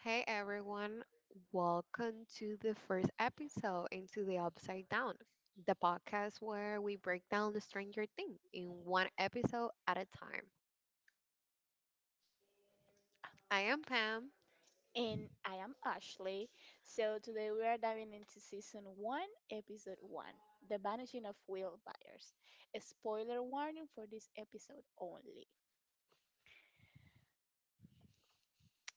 Hey everyone, welcome to the first episode into the Upside Down, the podcast where we break down the Stranger Thing in one episode at a time. I am Pam. And I am Ashley. So today we are diving into season one, episode one, The Vanishing of Will Byers. A spoiler warning for this episode only.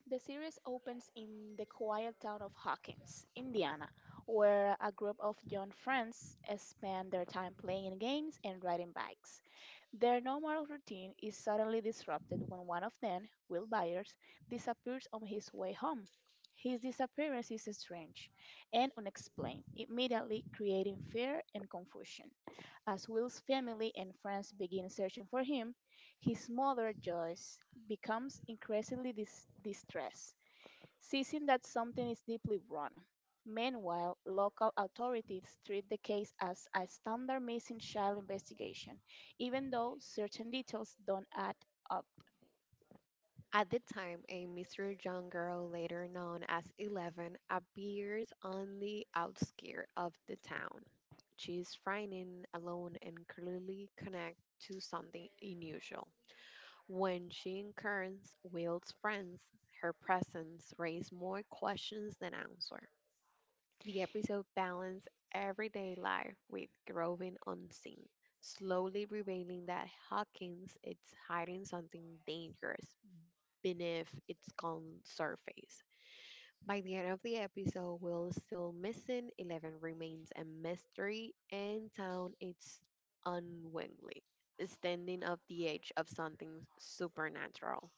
The series opens in the quiet town of Hawkins, Indiana, where a group of young friends spend their time playing games and riding bikes. Their normal routine is suddenly disrupted when one of them, Will Byers, disappears on his way home. His disappearance is strange and unexplained, immediately creating fear and confusion. As Will's family and friends begin searching for him, his mother, Joyce, becomes increasingly distressed, seizing that something is deeply wrong. Meanwhile, local authorities treat the case as a standard missing child investigation, even though certain details don't add up. At the time, a mysterious young girl, later known as Eleven, appears on the outskirts of the town. She is frightened, alone, and clearly connected to something unusual. When she encounters Will's friends, her presence raises more questions than answers. The episode balances everyday life with groving unseen, slowly revealing that Hawkins is hiding something dangerous beneath its calm surface. By the end of the episode, Will is still missing, Eleven remains a mystery, and Town is unwillingly standing at the edge of something supernatural.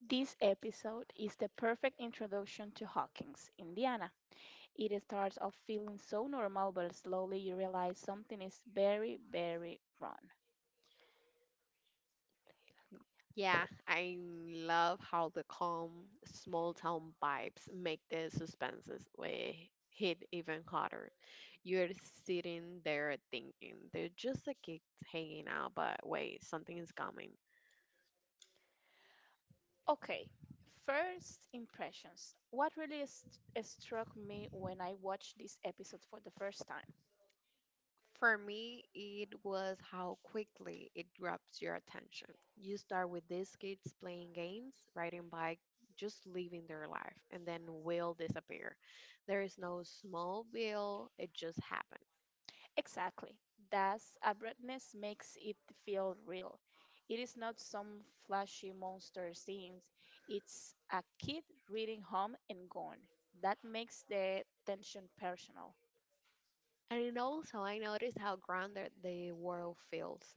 This episode is the perfect introduction to Hawkins, Indiana. It starts off feeling so normal, but slowly you realize something is very, very wrong. Yeah, I love how the calm small town vibes make the suspenses way hit even harder. You're sitting there thinking they're just a kid hanging out, but wait, something is coming. Okay, first impressions. What really struck me when I watched this episode for the first time. For me, it was how quickly it grabs your attention. You start with these kids playing games, riding bike, just living their life, and then will disappear. There is no small will, it just happens. Exactly. Thus, abruptness makes it feel real. It is not some flashy monster scene. It's a kid reading home and gone. That makes the tension personal. And it also, I noticed how grounded the world feels.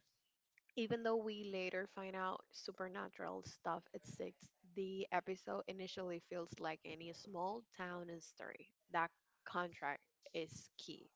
Even though we later find out supernatural stuff exists, the episode initially feels like any small town story. That contract is key.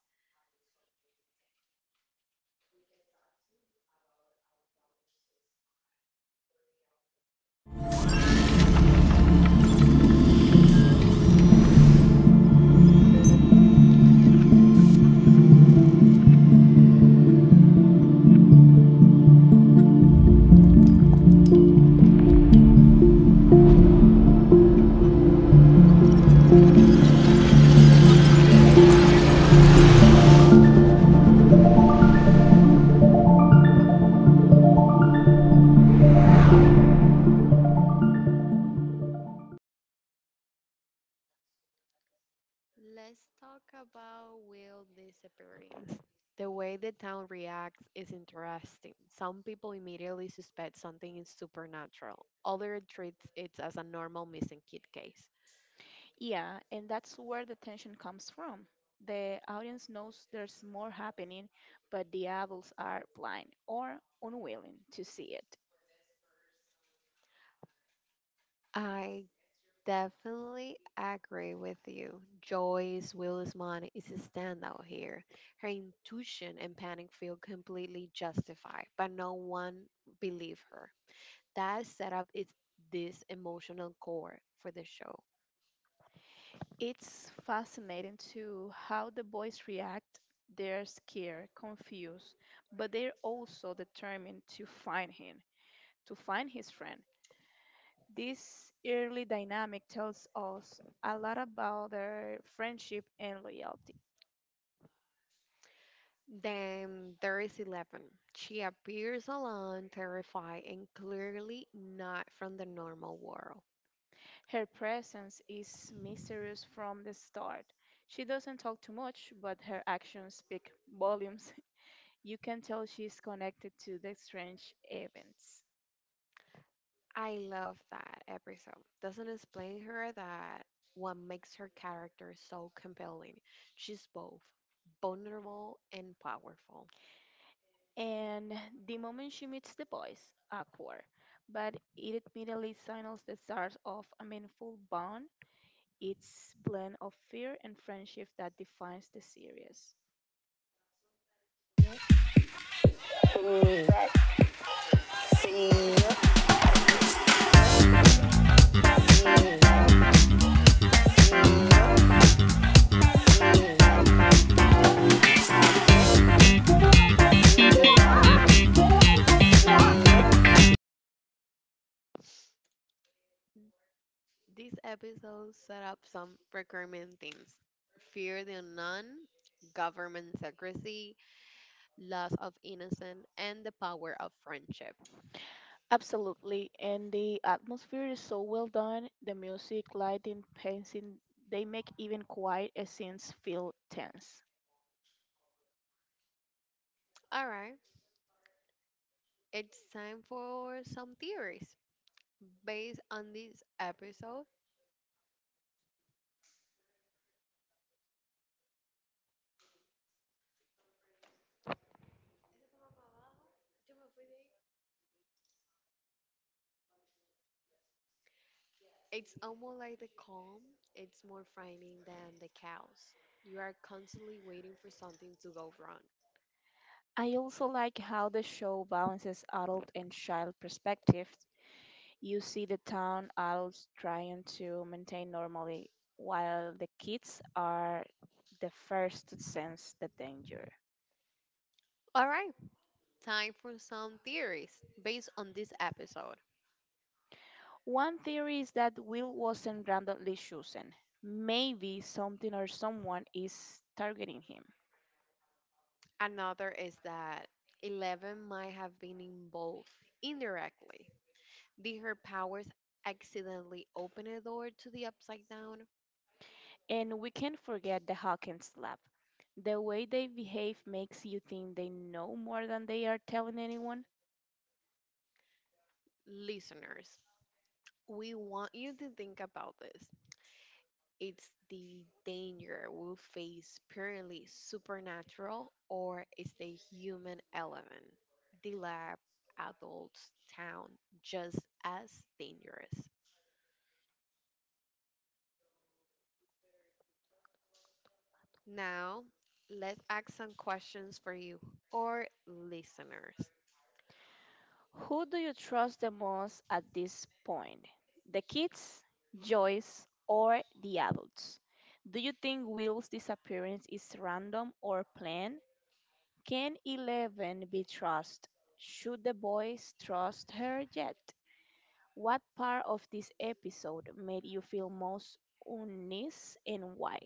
Let's talk about Will disappearance. The way the town reacts is interesting. Some people immediately suspect something is supernatural. Others treats it as a normal missing kid case. Yeah, and that's where the tension comes from. The audience knows there's more happening, but the adults are blind or unwilling to see it. I Definitely agree with you. Joyce Willisman is a standout here. Her intuition and panic feel completely justified, but no one believed her. That setup is this emotional core for the show. It's fascinating too how the boys react. They're scared, confused, but they're also determined to find him, to find his friend. This early dynamic tells us a lot about their friendship and loyalty. Then there is Eleven. She appears alone, terrified, and clearly not from the normal world. Her presence is mysterious from the start. She doesn't talk too much, but her actions speak volumes. You can tell she's connected to the strange events. I love that episode. Doesn't explain her that what makes her character so compelling. She's both vulnerable and powerful. And the moment she meets the boys, awkward, but it immediately signals the start of a meaningful bond. It's blend of fear and friendship that defines the series. This episode set up some recurring themes: fear the unknown, government secrecy, loss of innocence, and the power of friendship. Absolutely, and the atmosphere is so well done. The music, lighting, pacing, they make even quiet scenes feel tense. All right, it's time for some theories. Based on this episode, it's almost like the calm, it's more frightening than the chaos. You are constantly waiting for something to go wrong. I also like how the show balances adult and child perspectives. You see the town adults trying to maintain normally, while the kids are the first to sense the danger. All right, time for some theories based on this episode. One theory is that Will wasn't randomly chosen. Maybe something or someone is targeting him. Another is that Eleven might have been involved indirectly. Did her powers accidentally open a door to the upside down? And we can't forget the Hawkins lab. The way they behave makes you think they know more than they are telling anyone. Listeners, we want you to think about this. It's the danger we face purely supernatural, or is the human element, the lab, adults, town, just as dangerous? Now, let's ask some questions for you or listeners. Who do you trust the most at this point? The kids, Joyce, or the adults? Do you think Will's disappearance is random or planned? Can Eleven be trusted? Should the boys trust her yet? What part of this episode made you feel most uneasy and why?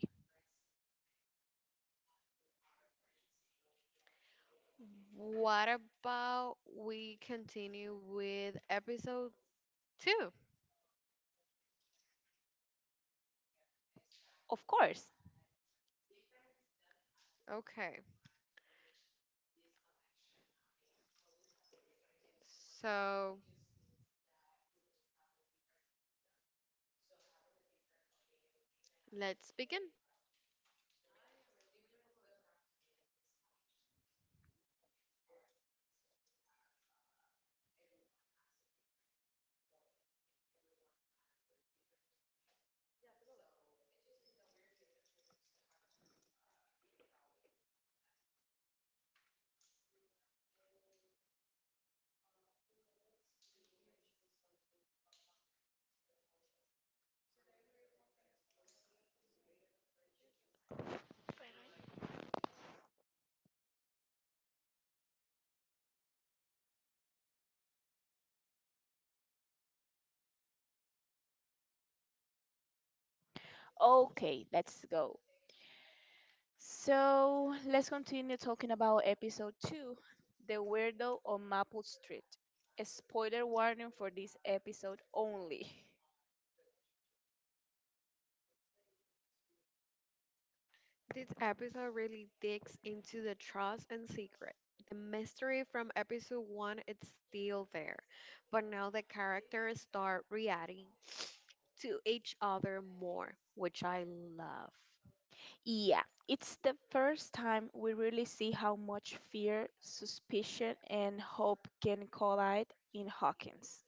What about we continue with episode two? Of course. Okay, so let's begin. Okay, let's go. So let's continue talking about episode two, The Weirdo on Maple Street. A spoiler warning for this episode only. This episode really digs into the trust and secret. The mystery from episode one is still there, but now the characters start reacting to each other more, which I love. Yeah, it's the first time we really see how much fear, suspicion, and hope can collide in Hawkins.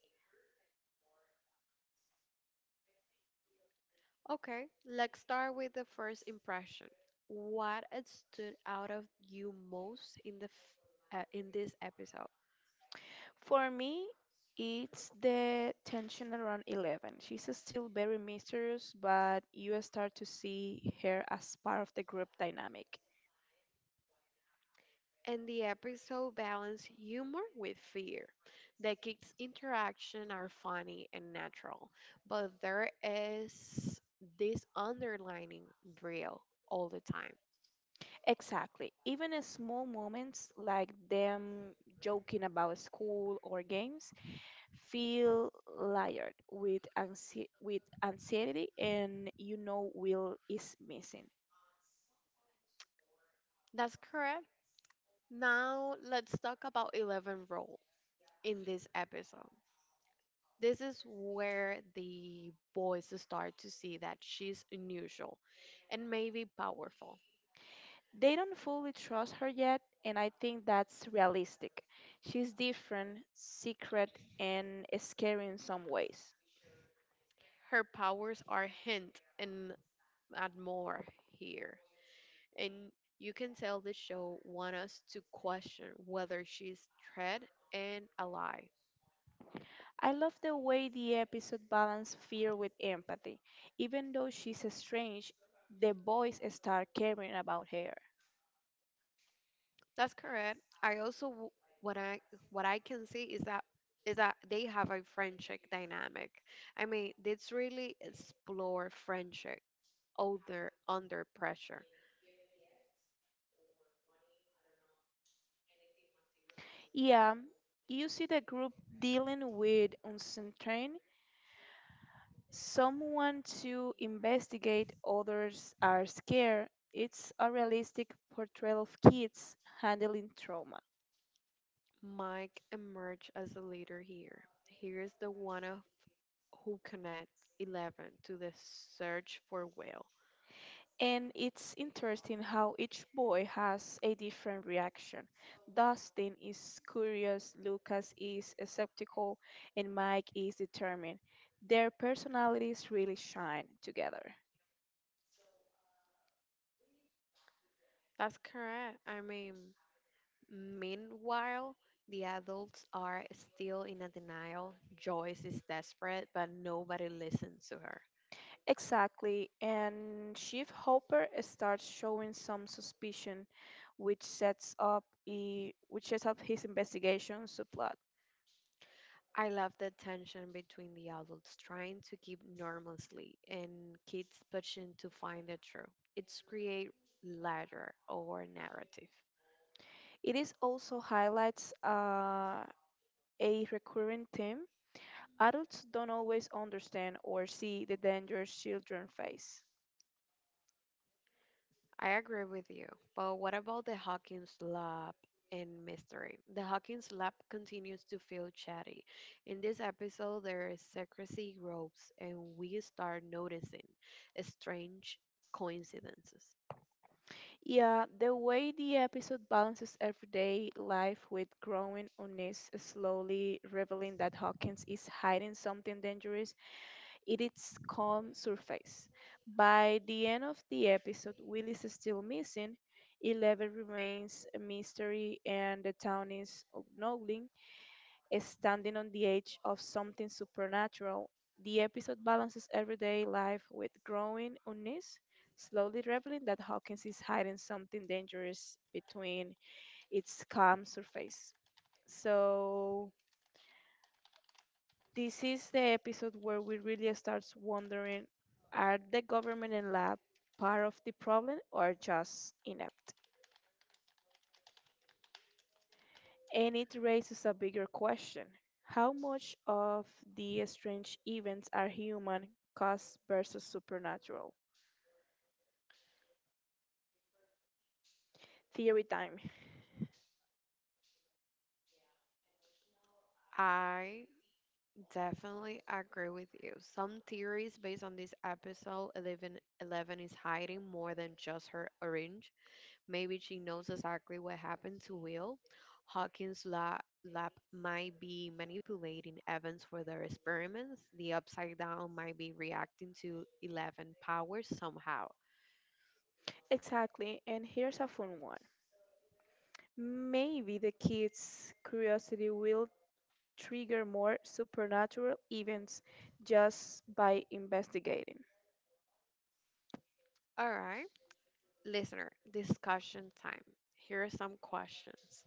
Okay, let's start with the first impression. What stood out of you most in this episode? For me, it's the tension around Eleven. She's still very mysterious, but you start to see her as part of the group dynamic. And the episode balances humor with fear. The kids' interaction are funny and natural, but there is this underlining drill all the time. Exactly. Even in small moments like them joking about school or games feel layered with anxiety, and you know Will is missing. That's correct. Now let's talk about Eleven Rule in this episode. This is where the boys start to see that she's unusual and maybe powerful. They don't fully trust her yet, and I think that's realistic. She's different, secret, and scary in some ways. Her powers are hint and add more here, and you can tell the show want us to question whether she's threat and a lie. I love the way the episode balanced fear with empathy. Even though she's strange, the boys start caring about her. That's correct. What I what I can see is that they have a friendship dynamic. I mean, let's really explore friendship older under pressure. Yeah, you see the group dealing with uncertain. Someone to investigate, others are scared. It's a realistic portrayal of kids handling trauma. Mike emerged as the leader here. Here is the one of who connects Eleven to the search for Will. And it's interesting how each boy has a different reaction. Dustin is curious, Lucas is skeptical, and Mike is determined. Their personalities really shine together. That's correct. I mean, meanwhile, the adults are still in a denial. Joyce is desperate, but nobody listens to her. Exactly, and Chief Hopper starts showing some suspicion, which sets up his investigation subplot. I love the tension between the adults trying to keep normalcy and kids pushing to find the truth. It's create ladder or narrative. It is also highlights a recurring theme. Adults don't always understand or see the dangers children face. I agree with you, but what about the Hawkins Lab and mystery? The Hawkins Lab continues to feel chatty. In this episode, their secrecy grows, and we start noticing strange coincidences. Yeah, the way the episode balances everyday life with growing unease, slowly revealing that Hawkins is hiding something dangerous in its calm surface. By the end of the episode, Will is still missing, Eleven remains a mystery, and the town is ogling, standing on the edge of something supernatural. The episode balances everyday life with growing unease, slowly revealing that Hawkins is hiding something dangerous between its calm surface. So this is the episode where we really start wondering, are the government and lab part of the problem or just inept? And it raises a bigger question: how much of the strange events are human caused versus supernatural? Theory time. I definitely agree with you. Some theories based on this episode: Eleven is hiding more than just her orange. Maybe she knows exactly what happened to Will. Hawkins' lab might be manipulating Evans for their experiments. The Upside Down might be reacting to Eleven powers somehow. Exactly, and here's a fun one. Maybe the kids' curiosity will trigger more supernatural events just by investigating. All right, listener, discussion time. Here are some questions.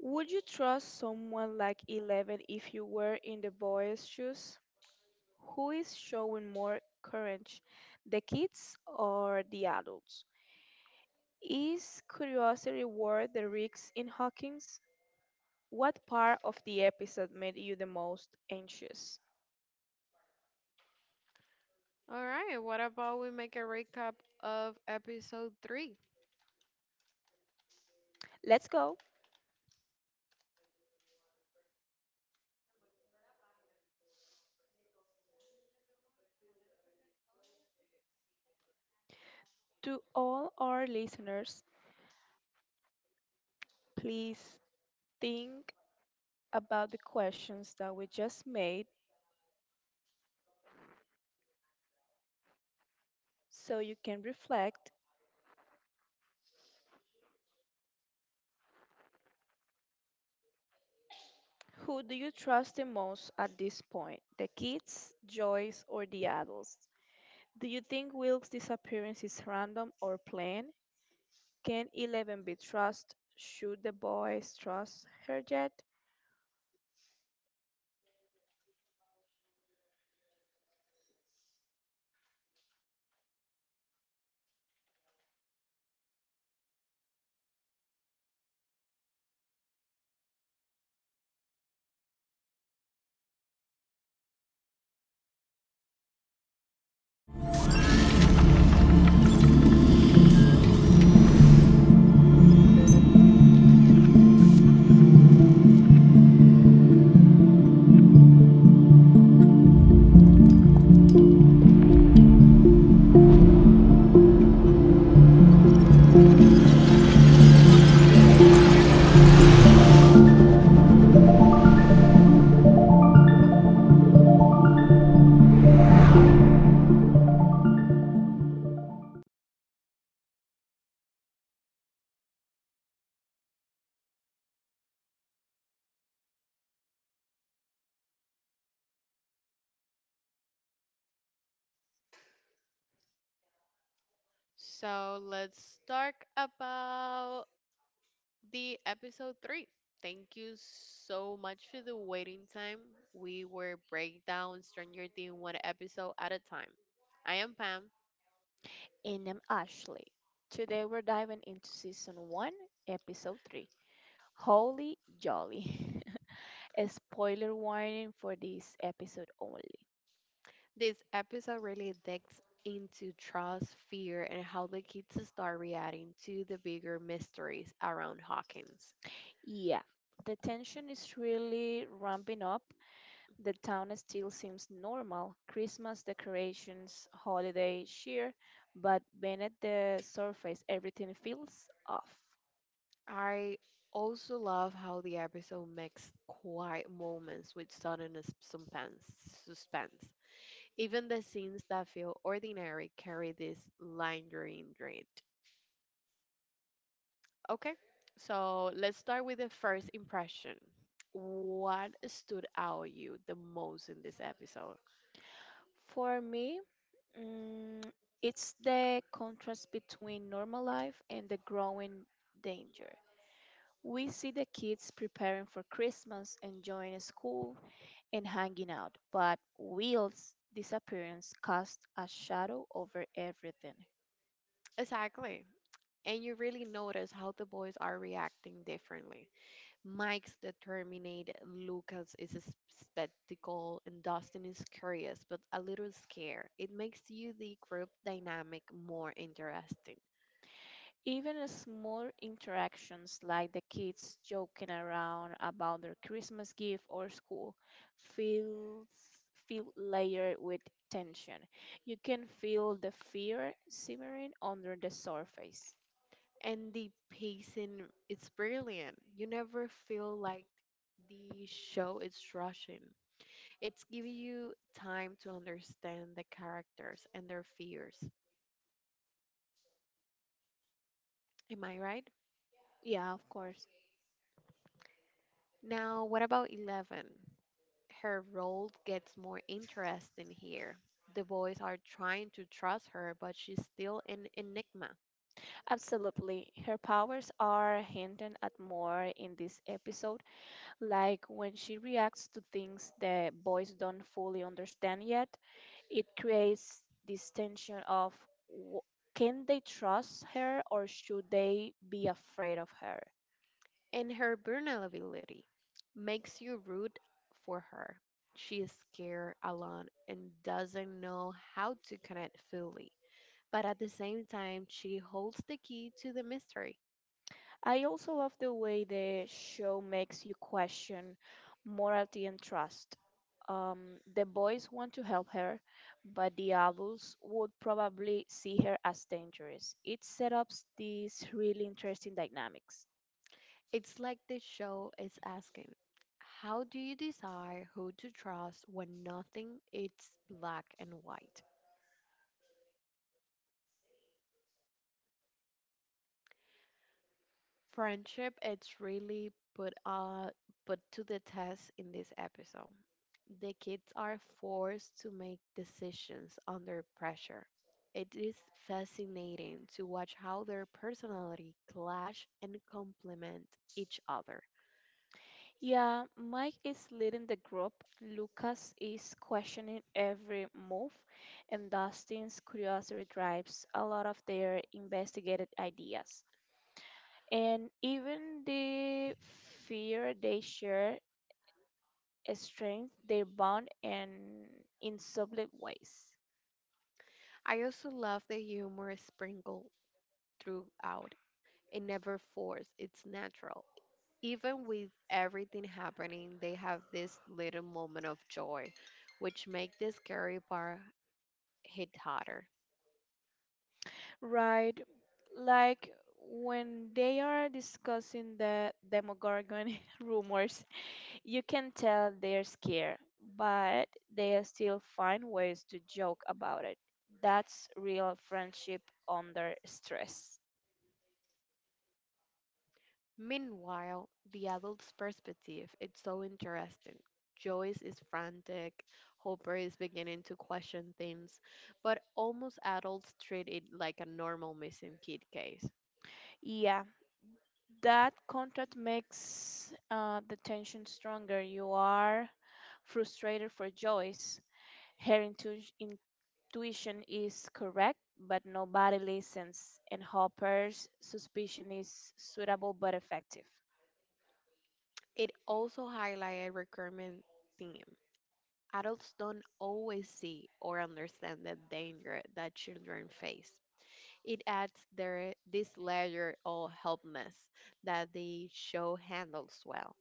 Would you trust someone like Eleven if you were in the boys' shoes? Who is showing more courage, the kids or the adults? Is curiosity worth the risks in Hawkins? What part of the episode made you the most anxious? All right, what about we make a recap of episode three? Let's go. To all our listeners, please think about the questions that we just made so you can reflect. Who do you trust the most at this point? The kids, Joyce, or the adults? Do you think Wilkes' disappearance is random or planned? Can Eleven be trusted? Should the boys trust her yet? So let's talk about the episode three. Thank you so much for the waiting time. We were break down Stranger Things one episode at a time. I am Pam. And I'm Ashley. Today we're diving into season 1, episode 3. Holy Jolly. A spoiler warning for this episode only. This episode really digs into trust, fear, and how the kids start reacting to the bigger mysteries around Hawkins. Yeah, the tension is really ramping up. The town still seems normal: Christmas decorations, holiday cheer, but beneath the surface, everything feels off. I also love how the episode makes quiet moments with sudden suspense. Even the scenes that feel ordinary carry this lingering dread. Okay, so let's start with the first impression. What stood out you the most in this episode? For me, mm, it's the contrast between normal life and the growing danger. We see the kids preparing for Christmas, enjoying school, and hanging out, but Will's disappearance casts a shadow over everything. Exactly. And you really notice how the boys are reacting differently. Mike's determined, Lucas is a spectacle, and Dustin is curious but a little scared. It makes you the group dynamic more interesting. Even small interactions like the kids joking around about their Christmas gift or school feels feel layered with tension. You can feel the fear simmering under the surface. And the pacing, it's brilliant. You never feel like the show is rushing. It's giving you time to understand the characters and their fears. Am I right? Yeah, of course. Now, what about Eleven? Her role gets more interesting here. The boys are trying to trust her, but she's still an enigma. Absolutely. Her powers are hinted at more in this episode, like when she reacts to things the boys don't fully understand yet. It creates this tension of, can they trust her or should they be afraid of her? And her vulnerability makes you root for her. She is scared, alone, and doesn't know how to connect fully. But at the same time, she holds the key to the mystery. I also love the way the show makes you question morality and trust. The boys want to help her, but the adults would probably see her as dangerous. It sets up these really interesting dynamics. It's like the show is asking, how do you decide who to trust when nothing is black and white? Friendship, it's really put to the test in this episode. The kids are forced to make decisions under pressure. It is fascinating to watch how their personality clash and complement each other. Yeah, Mike is leading the group. Lucas is questioning every move, and Dustin's curiosity drives a lot of their investigated ideas. And even the fear they share strengthens their bond and in subtle ways. I also love the humor sprinkled throughout. It never forced, it's natural. Even with everything happening, they have this little moment of joy, which make the scary part hit harder. Right, like when they are discussing the Demogorgon rumors. You can tell they're scared, but they still find ways to joke about it. That's real friendship under stress. Meanwhile, the adult's perspective its so interesting. Joyce is frantic, Hopper is beginning to question things, but almost adults treat it like a normal missing kid case. Yeah, that contract makes the tension stronger. You are frustrated for Joyce. Her intuition is correct, but nobody listens, and Hopper's suspicion is suitable but effective. It also highlights a recurrent theme. Adults don't always see or understand the danger that children face. It adds their, this layer of helplessness that the show handles well.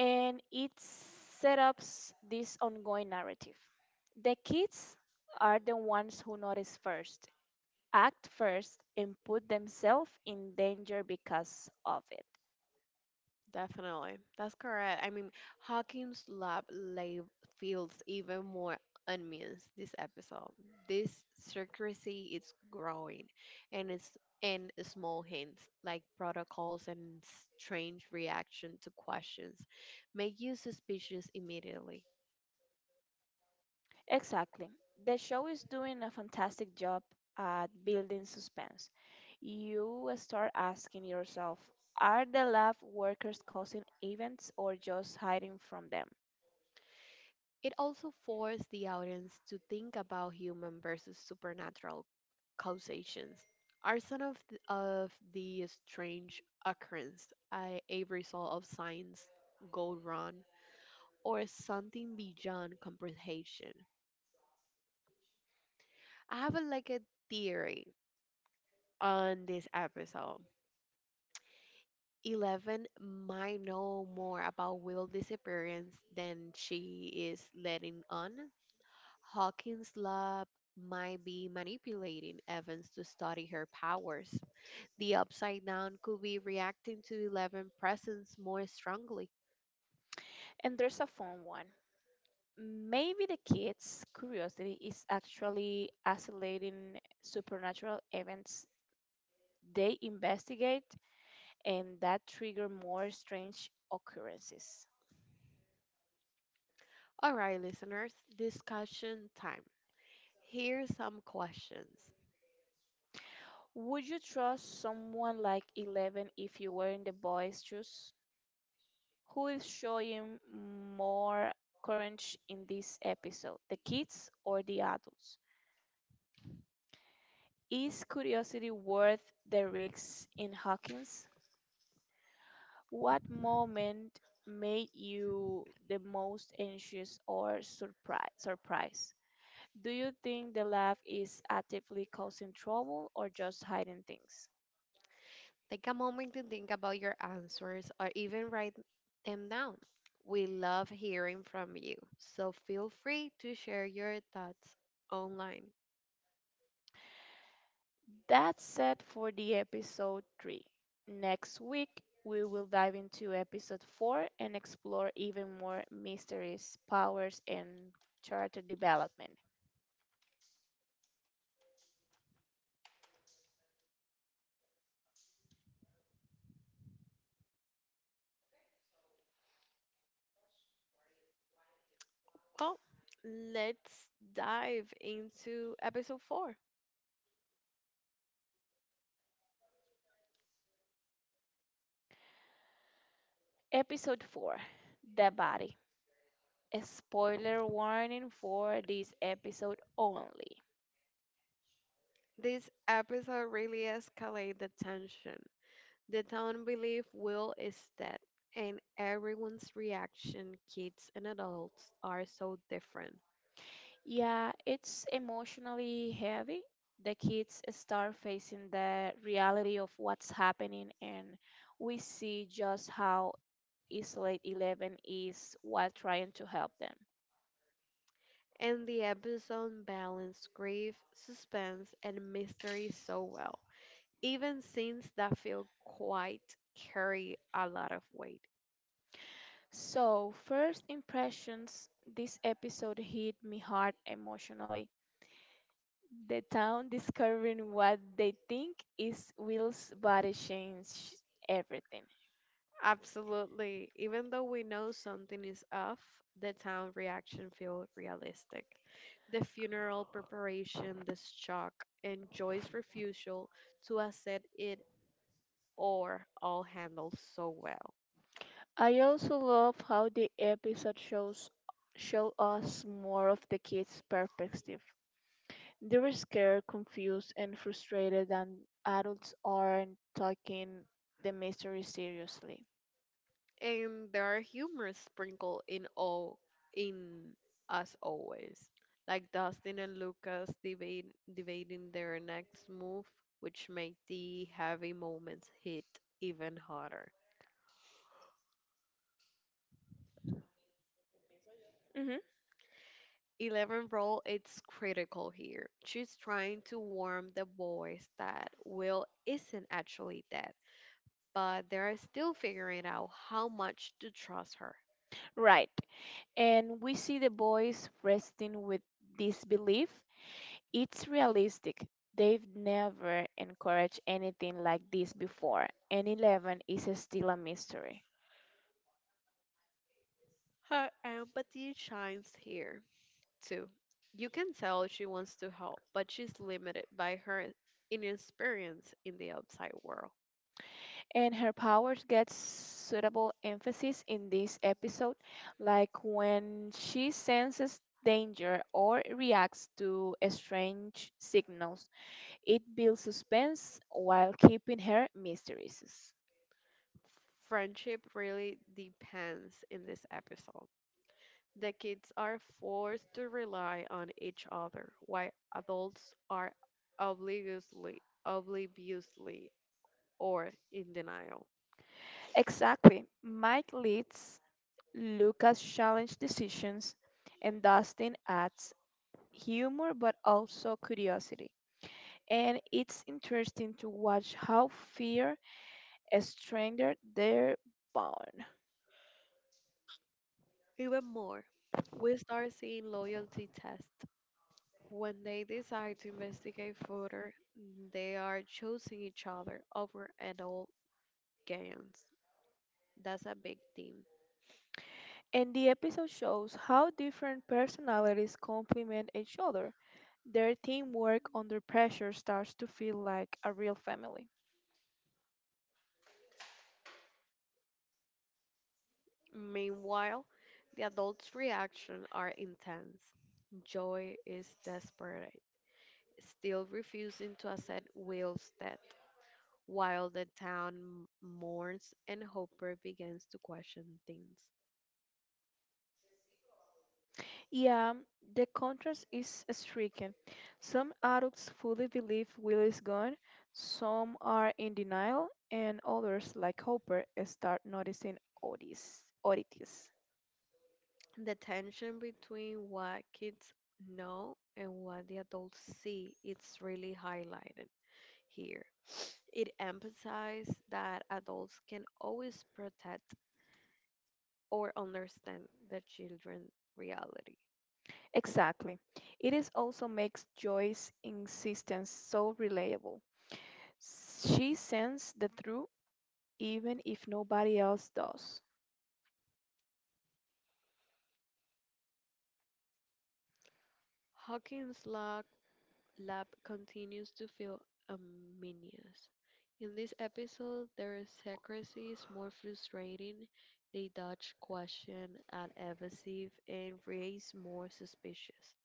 And it set up this ongoing narrative. The kids are the ones who notice first, act first, and put themselves in danger because of it. Definitely. That's correct. I mean, Hawkins' lab lay feels even more ominous this episode. This secrecy is growing, and small hints like protocols and strange reaction to questions make you suspicious immediately. Exactly. The show is doing a fantastic job at building suspense. You start asking yourself, are the lab workers causing events or just hiding from them? It also forced the audience to think about human versus supernatural causations. Are some of the strange occurrence a result of science go wrong, or something beyond comprehension? I have a, like a theory on this episode. Eleven might know more about Will's disappearance than she is letting on. Hawkins' lab might be manipulating Evans to study her powers. The Upside Down could be reacting to Eleven presence more strongly. And there's a fun one. Maybe the kids' curiosity is actually isolating supernatural events they investigate and that trigger more strange occurrences. Alright, listeners, discussion time. Here's some questions. Would you trust someone like Eleven if you were in the boys' shoes? Who is showing more courage in this episode, the kids or the adults? Is curiosity worth the risks in Hawkins? What moment made you the most anxious or surprised? Do you think the laugh is actively causing trouble or just hiding things? Take a moment to think about your answers or even write them down. We love hearing from you, so feel free to share your thoughts online. That's it for the episode 3. Next week, we will dive into episode 4 and explore even more mysteries, powers, and character development. Well, let's dive into episode 4. Episode 4, The Body. A spoiler warning for this episode only. This episode really escalated the tension. The town believe Will is dead, and everyone's reaction, kids and adults, are so different. Yeah, it's emotionally heavy. The kids start facing the reality of what's happening, and we see just how Isolate Eleven is while trying to help them. And the episode balanced grief, suspense, and mystery so well; even scenes that feel quite carry a lot of weight. So, first impressions, this episode hit me hard emotionally. The town discovering what they think is Will's body changed everything. Absolutely. Even though we know something is off, the town reaction feel realistic. The funeral preparation, the shock, and Joy's refusal to accept it or all handled so well. I also love how the episode show us more of the kids' perspective. They were scared, confused, and frustrated, and adults aren't taking the mystery seriously. And there are humors sprinkled in all in us always. Like Dustin and Lucas debating their next move, which make the heavy moments hit even harder. Hmm. Eleven role it's critical here. She's trying to warn the boys that Will isn't actually dead, but they're still figuring out how much to trust her. Right. And we see the boys wrestling with disbelief. It's realistic. They've never encouraged anything like this before, and Eleven is still a mystery. Her empathy shines here too. You can tell she wants to help, but she's limited by her inexperience in the outside world. And her powers get suitable emphasis in this episode, like when she senses danger or reacts to strange signals. It builds suspense while keeping her mysterious. Friendship really depends in this episode. The kids are forced to rely on each other, while adults are obliviously or in denial. Exactly. Mike leads, Lucas challenge decisions, and Dustin adds humor but also curiosity. And it's interesting to watch how fear strengthened their bond. Even more, we start seeing loyalty tests. When they decide to investigate further, they are choosing each other over adult games. That's a big thing. And the episode shows how different personalities complement each other. Their teamwork under pressure starts to feel like a real family. Meanwhile, the adults' reactions are intense. Joy is desperate, still refusing to accept Will's death, while the town mourns and Hopper begins to question things. Yeah, the contrast is striking. Some adults fully believe Will is gone, some are in denial, and others, like Hopper, start noticing oddities. The tension between what kids know and what the adults see is really highlighted here. It emphasizes that adults can always protect or understand the children's reality. Exactly. It is also makes Joyce's insistence so reliable. She sends the truth even if nobody else does. Hawkins' law lab continues to feel ominous. In this episode, their secrecy is more frustrating. They dodge question and evasive and raise more suspicious.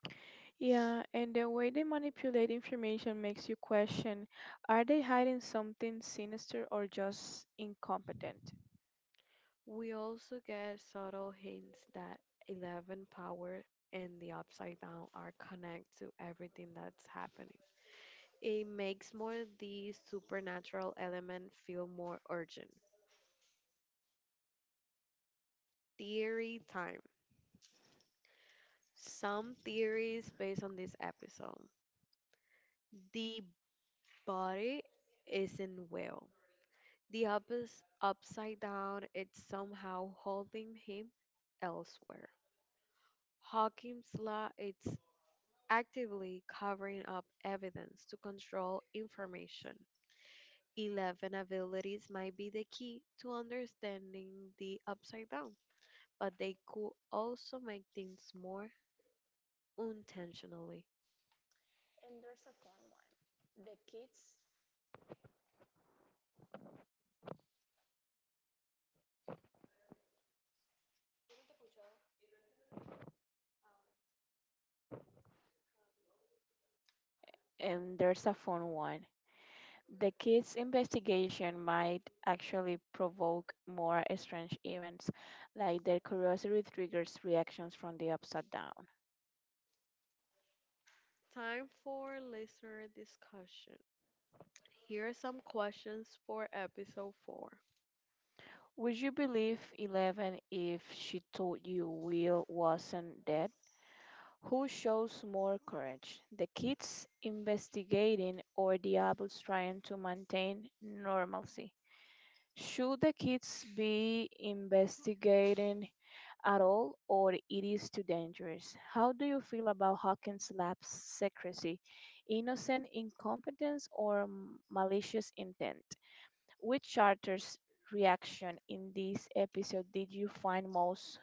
Yeah, and the way they manipulate information makes you question, are they hiding something sinister or just incompetent? We also get subtle hints that Eleven power and the Upside Down are connected to everything that's happening. It makes more the supernatural element feel more urgent. Theory time. Some theories based on this episode. The body isn't well. The up is upside down, it's somehow holding him elsewhere. Hakim's law it's actively covering up evidence to control information. Eleven abilities might be the key to understanding the upside down, but they could also make things more intentionally. And there's a fun one. The kids' investigation might actually provoke more strange events, like their curiosity triggers reactions from the upside down. Time for listener discussion. Here are some questions for episode 4. Would you believe Eleven if she told you Will wasn't dead? Who shows more courage, the kids investigating or the adults trying to maintain normalcy? Should the kids be investigating at all, or it is too dangerous? How do you feel about Hawkins Lab's secrecy? Innocent incompetence or malicious intent? Which character's reaction in this episode did you find most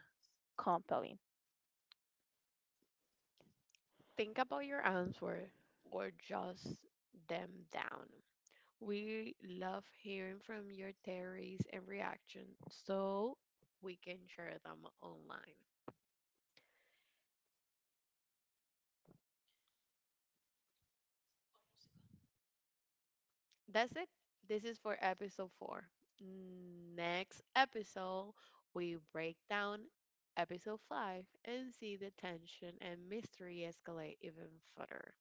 compelling? Think about your answer or just them down. We love hearing from your theories and reactions so we can share them online. That's it. This is for episode four. Next episode, we break down episode five and see the tension and mystery escalate even further.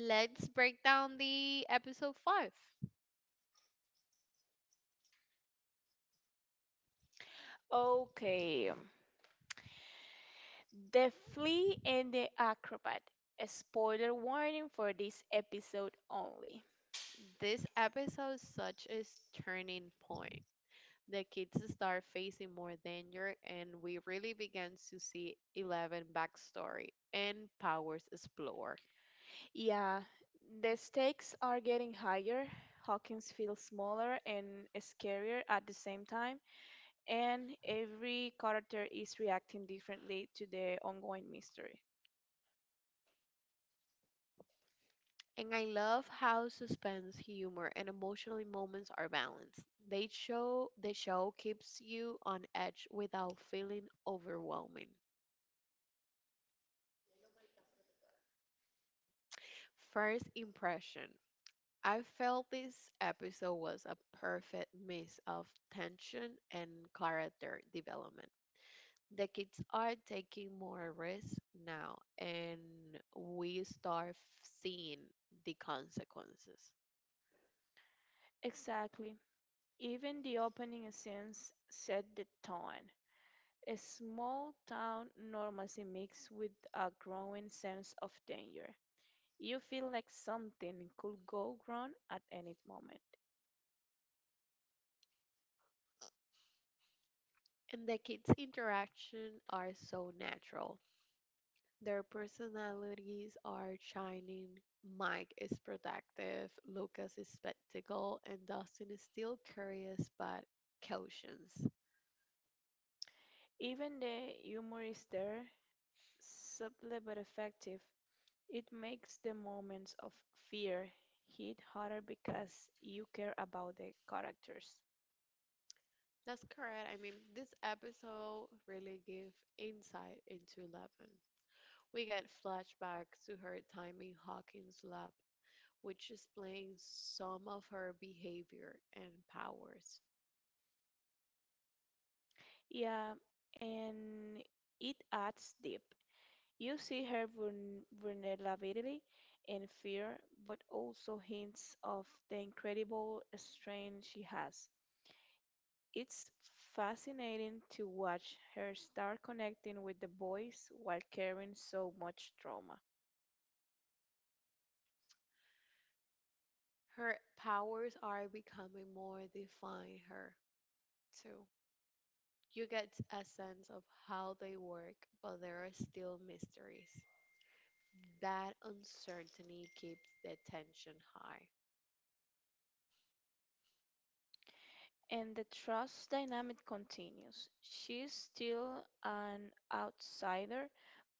Let's break down the episode five. Okay, The Flea and the Acrobat. A spoiler warning for this episode only. This episode such is turning point. The kids start facing more danger, and we really began to see Eleven backstory and powers explore. Yeah, the stakes are getting higher. Hawkins feels smaller and scarier at the same time, and every character is reacting differently to the ongoing mystery. And I love how suspense, humor, and emotional moments are balanced. The show keeps you on edge without feeling overwhelming. First impression. I felt this episode was a perfect mix of tension and character development. The kids are taking more risks now, and we start seeing the consequences. Exactly. Even the opening scenes set the tone. A small town normalcy mixed with a growing sense of danger. You feel like something could go wrong at any moment. And the kids interaction are so natural. Their personalities are shining. Mike is productive, Lucas is spectacle, and Dustin is still curious but cautious. Even the humor is there, subtle but effective. It makes the moments of fear hit harder because you care about the characters. That's correct. I mean, this episode really give insight into Eleven. We get flashbacks to her time in Hawkins' lab, which explains some of her behavior and powers. Yeah, and it adds deep. You see her vulnerability and fear, but also hints of the incredible strength she has. It's fascinating to watch her start connecting with the boys while carrying so much trauma. Her powers are becoming more defined her too. You get a sense of how they work, but there are still mysteries. That uncertainty keeps the tension high. And the trust dynamic continues. She's still an outsider,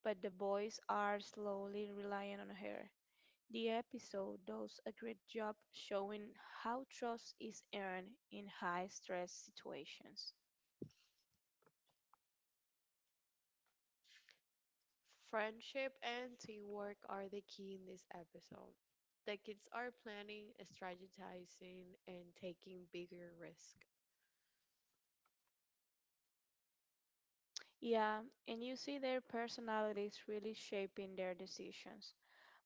but the boys are slowly relying on her. The episode does a great job showing how trust is earned in high stress situations. Friendship and teamwork are the key in this episode. The kids are planning, strategizing, and taking bigger risks, Yeah, and you see their personalities really shaping their decisions.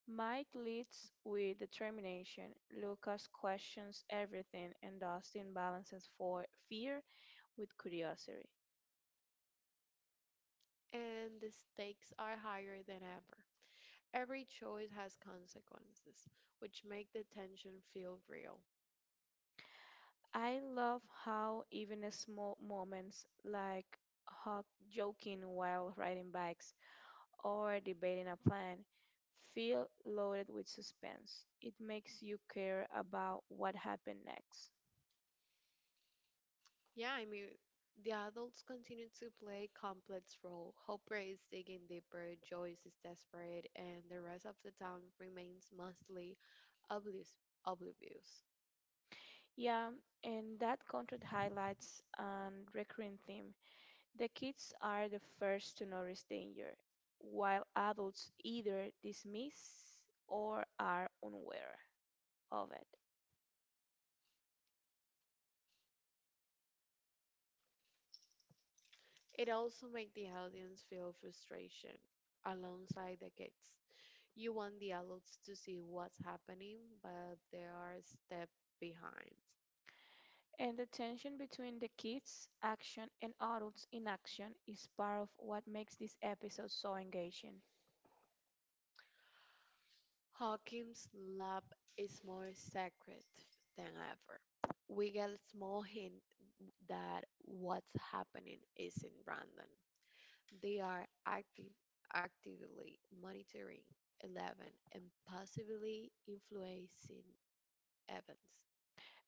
Mike leads with determination, Lucas questions everything, and Dustin balances for fear with curiosity. and the stakes are higher than ever. Every choice has consequences, which make the tension feel real. I love how even small moments like Huck joking while riding bikes or debating a plan feel loaded with suspense. It makes you care about what happened next. Yeah, I mean, the adults continue to play complex role. Hopper is digging deeper, Joyce is desperate, and the rest of the town remains mostly oblivious. oblivious. Yeah, and that contract highlights a recurring theme. The kids are the first to notice danger, while adults either dismiss or are unaware of it. It also makes the audience feel frustration alongside the kids. You want the adults to see what's happening, but they are a step behind. And the tension between the kids' action and adults' inaction is part of what makes this episode so engaging. Hawkins' lab is more sacred than ever. We get a small hint that what's happening isn't Brandon.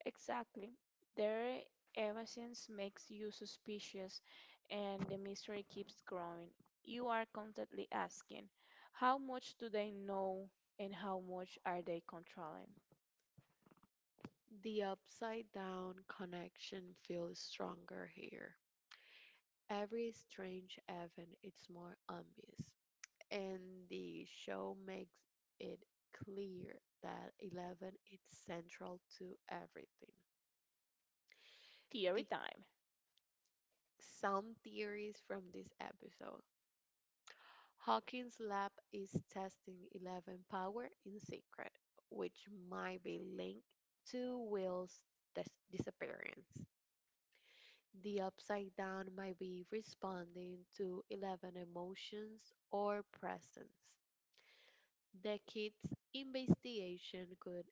Exactly. Their evasions makes you suspicious, and the mystery keeps growing. You are constantly asking, how much do they know and how much are they controlling? The upside down connection feels stronger here. Every strange event is more obvious, and the show makes it clear that Eleven is central to everything. Theory The, time. some theories from this episode: Hawking's lab is testing Eleven power in secret, which might be linked to Will's disappearance. The upside down might be responding to Eleven emotions or presence. The kids' investigation could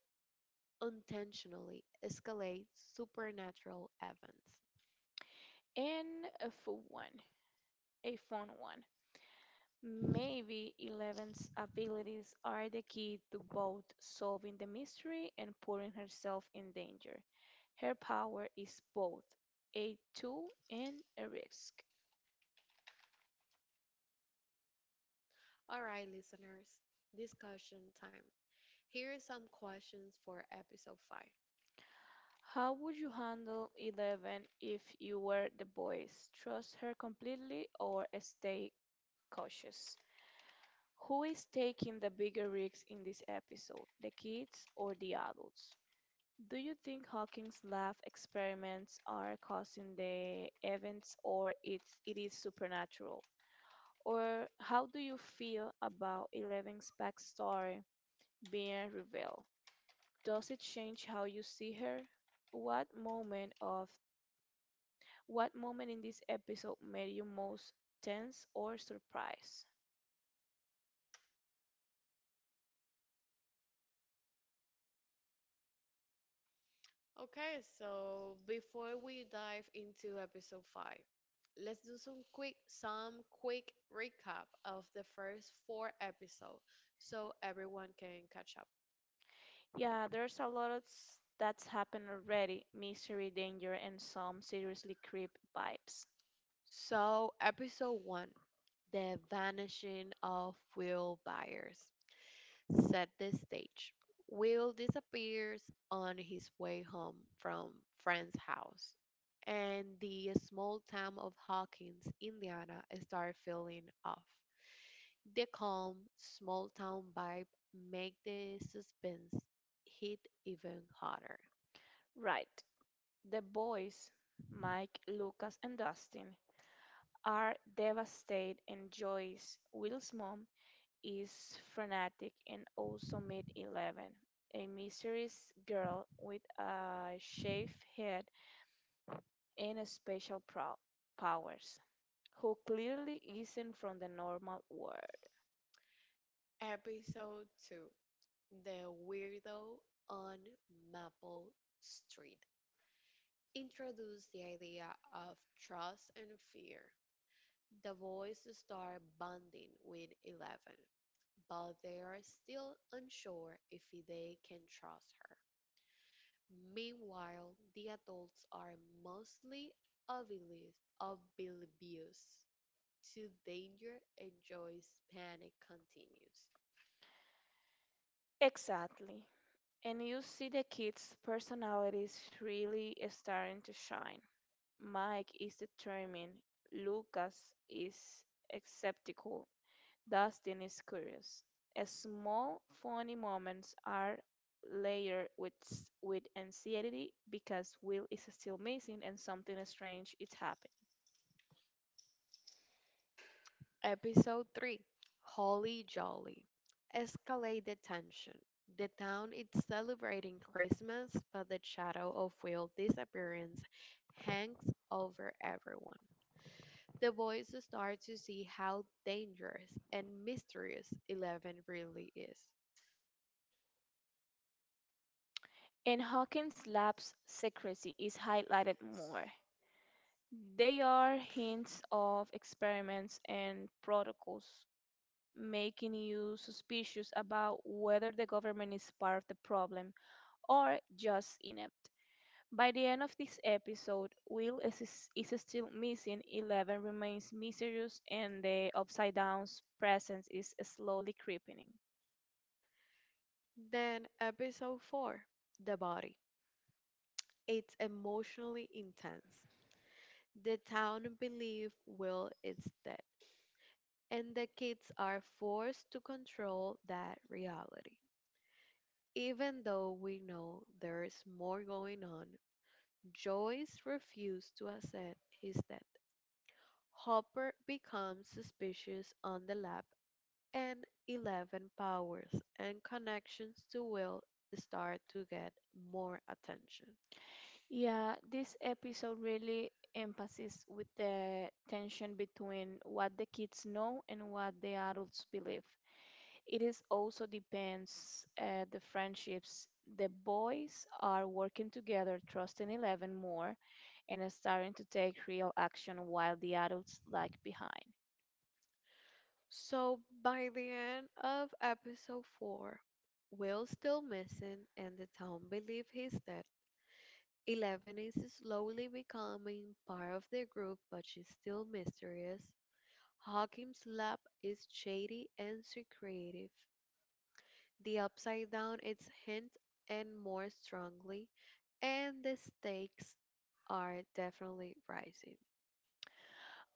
intentionally escalate supernatural events. And a full one, A fun one. Maybe Eleven's abilities are the key to both solving the mystery and putting herself in danger. Her power is both a tool and a risk. How would you handle Eleven if you were the boys? Trust her completely or stay cautious? Who is taking the bigger risks in this episode, the kids or the adults? Do you think Hawking's lab experiments are causing the events, or it is supernatural? Or how do you feel about Eleven's backstory being revealed? Does it change how you see her? What moment of what moment in this episode made you most tense or surprised? Yeah, there's a lot of that's happened already. Mystery, danger, and some seriously creep vibes. Right. The boys, Mike, Lucas, and Dustin, are devastated, and Joyce, Will's mom, is frenetic and also meet Eleven, a mysterious girl with a shaved head and a special powers, who clearly isn't from the normal world. Exactly. And you see the kids' personalities really starting to shine. Mike is determined, Lucas is skeptical, Dustin is curious. Small, funny moments are layered with, with anxiety because Will is still missing and something strange is happening. In Hawkins' lab's secrecy is highlighted more. They are hints of experiments and protocols, making you suspicious about whether the government is part of the problem or just inept. By the end of this episode, Will is still missing, Eleven remains mysterious, and the Upside Down's presence is slowly creeping in. Yeah, this episode really emphasizes with the tension between what the kids know and what the adults believe. It is also depends the friendships. The boys are working together, trusting Eleven more, and are starting to take real action while the adults lag behind.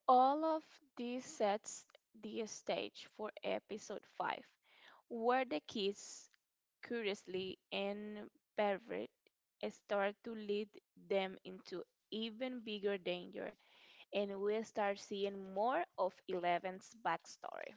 All of this sets the stage for episode 5, where the kids, curiously and pervert, start to lead them into even bigger danger, and we start seeing more of Eleven's backstory.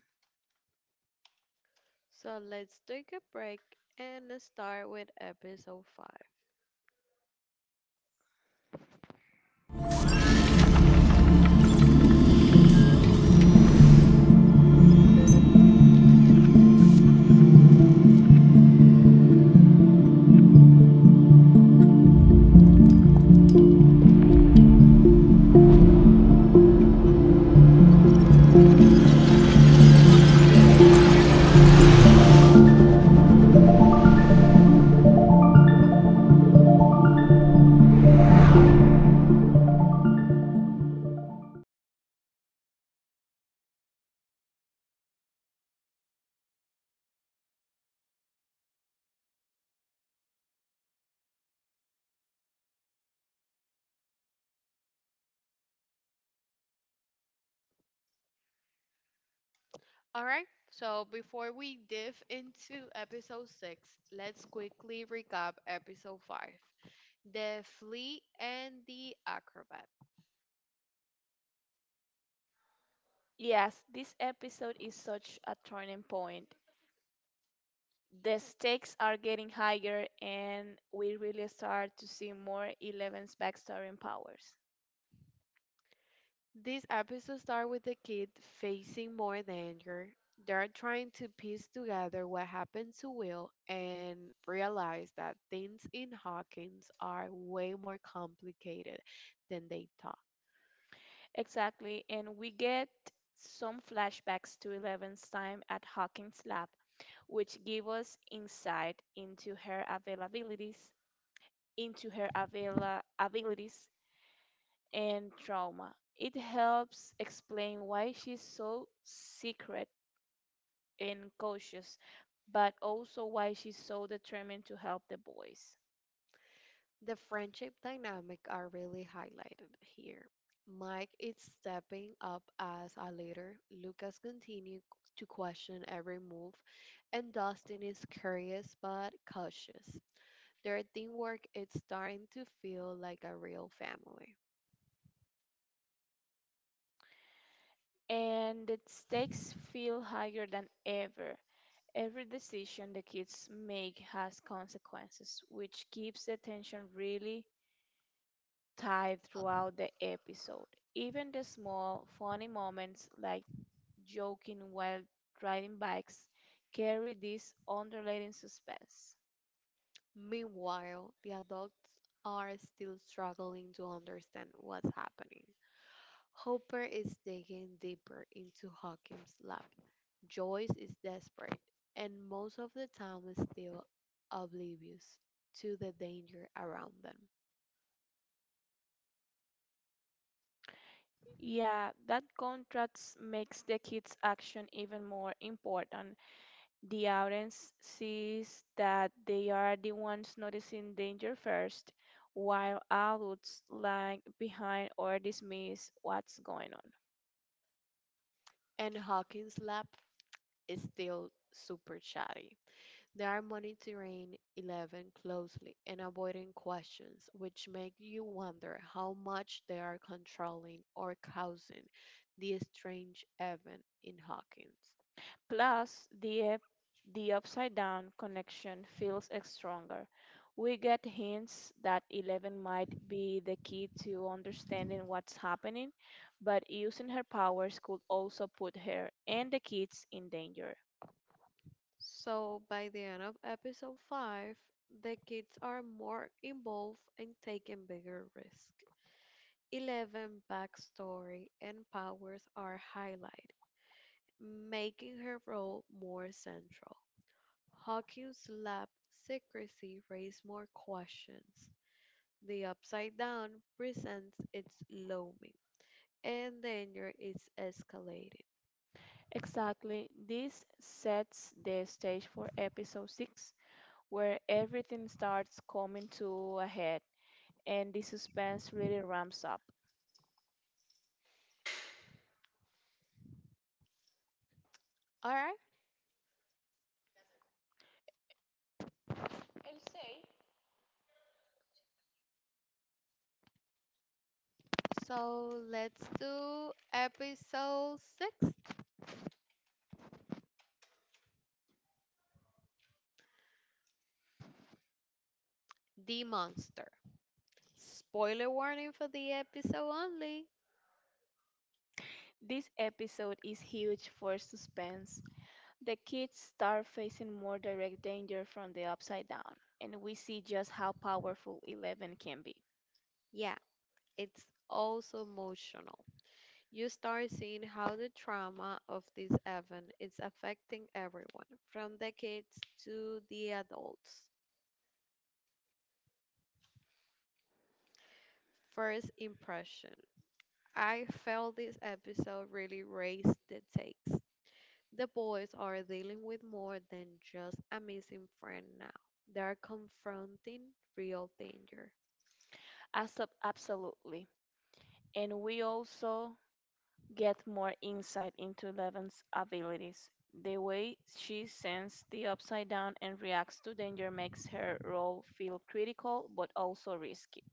Yes, this episode is such a turning point. The stakes are getting higher, and we really start to see more Eleven's backstory and powers. Exactly, and we get some flashbacks to Eleven's time at Hawkins Lab, which give us insight into her availabilities, into her abilities and trauma. It helps explain why she's so secret and cautious, but also why she's so determined to help the boys. And the stakes feel higher than ever. Every decision the kids make has consequences, which keeps the tension really tight throughout the episode. Even the small, funny moments like joking while riding bikes carry this underlying suspense. Yeah, that contrast makes the kids' action even more important. The audience sees that they are the ones noticing danger first, while adults lag behind or dismiss what's going on. Plus, the upside down connection feels stronger. We get hints that Eleven might be the key to understanding what's happening, but using her powers could also put her and the kids in danger. Exactly. This sets the stage for episode 6, where everything starts coming to a head and the suspense really ramps up. This episode is huge for suspense. The kids start facing more direct danger from the upside down, and we see just how powerful Eleven can be. As Absolutely. And we also get more insight into Levin's abilities. The way she sends the upside down and reacts to danger makes her role feel critical but also risky.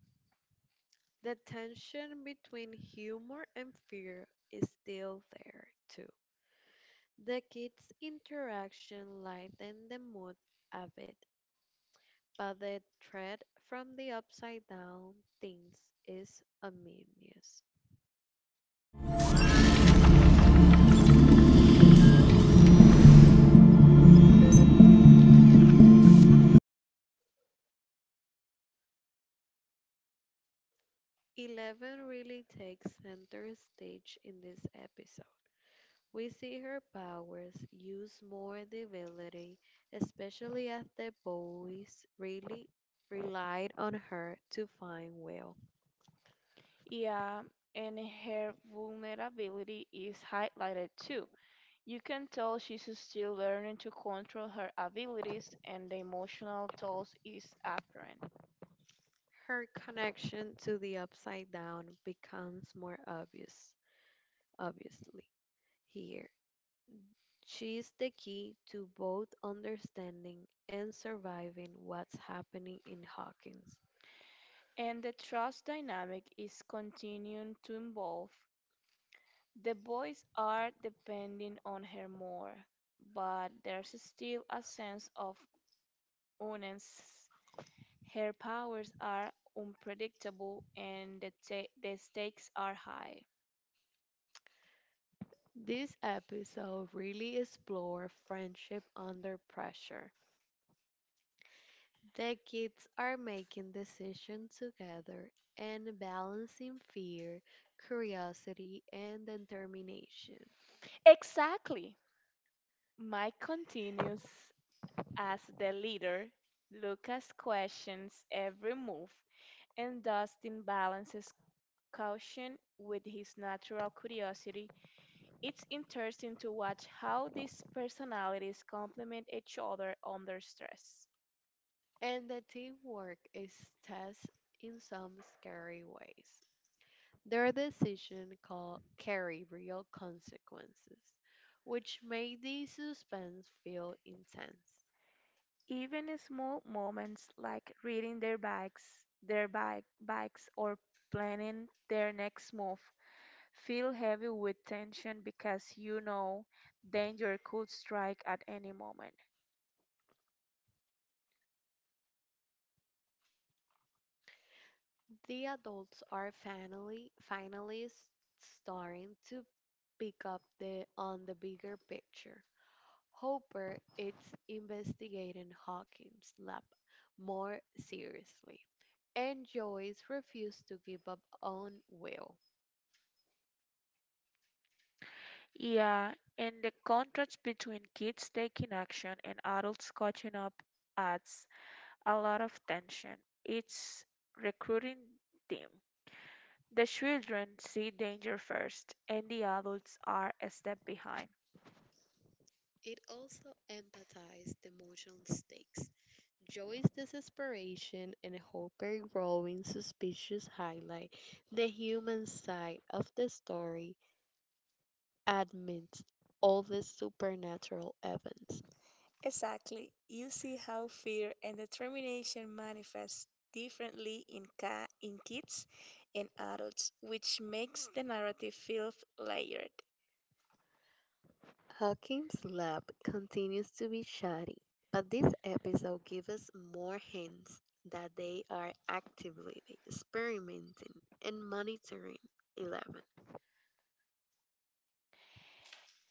Yeah, and her vulnerability is highlighted too. You can tell she's still learning to control her abilities, and the emotional toll is apparent. And the trust dynamic is continuing to evolve. The boys are depending on her more, but there's still a sense of oneness. Her powers are unpredictable, and the stakes are high. Exactly. Mike continues as the leader. Lucas questions every move, and Dustin balances caution with his natural curiosity. It's interesting to watch how these personalities complement each other under stress. Even small moments like reading their bikes, their bike bikes or planning their next move feel heavy with tension because you know danger could strike at any moment. Yeah, and the contrast between kids taking action and adults catching up adds a lot of tension. It's recruiting team. The children see danger first, and the adults are a step behind. Exactly. You see how fear and determination manifest differently in kids and adults, which makes the narrative feel layered.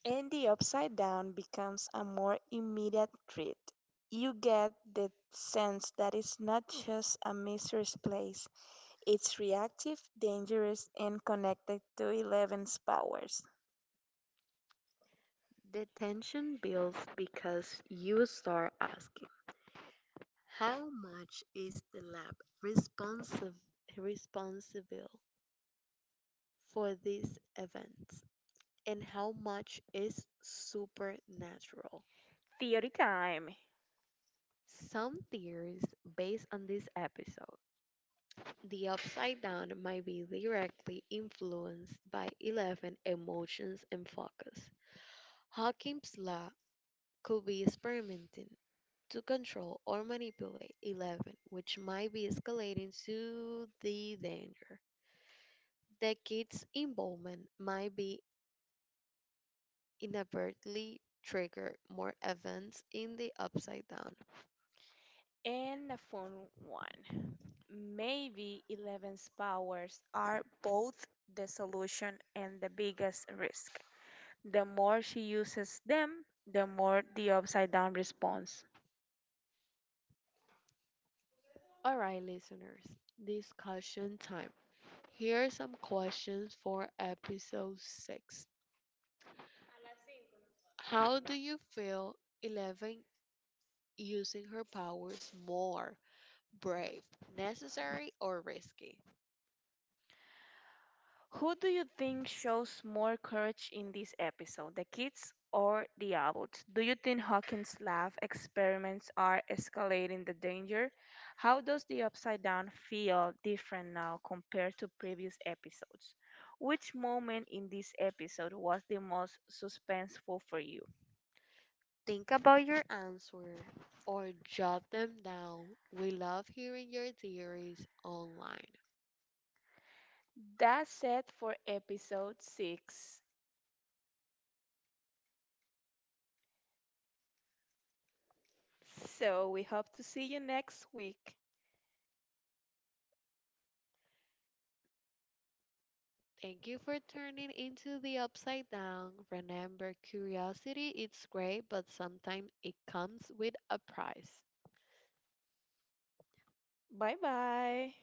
And the upside down becomes a more immediate threat. You get the sense that it's not just a mysterious place, it's reactive, dangerous, and connected to Eleven's powers. Theory time. And a fun one. Maybe Eleven's powers are both the solution and the biggest risk. The more she uses them, the more the upside down response. Who do you think shows more courage in this episode, the kids or the adults? Do you think Hawkins' lab experiments are escalating the danger? How does the Upside Down feel different now compared to previous episodes? Which moment in this episode was the most suspenseful for you? That's it for episode 6. So we hope to see you next week. Bye bye.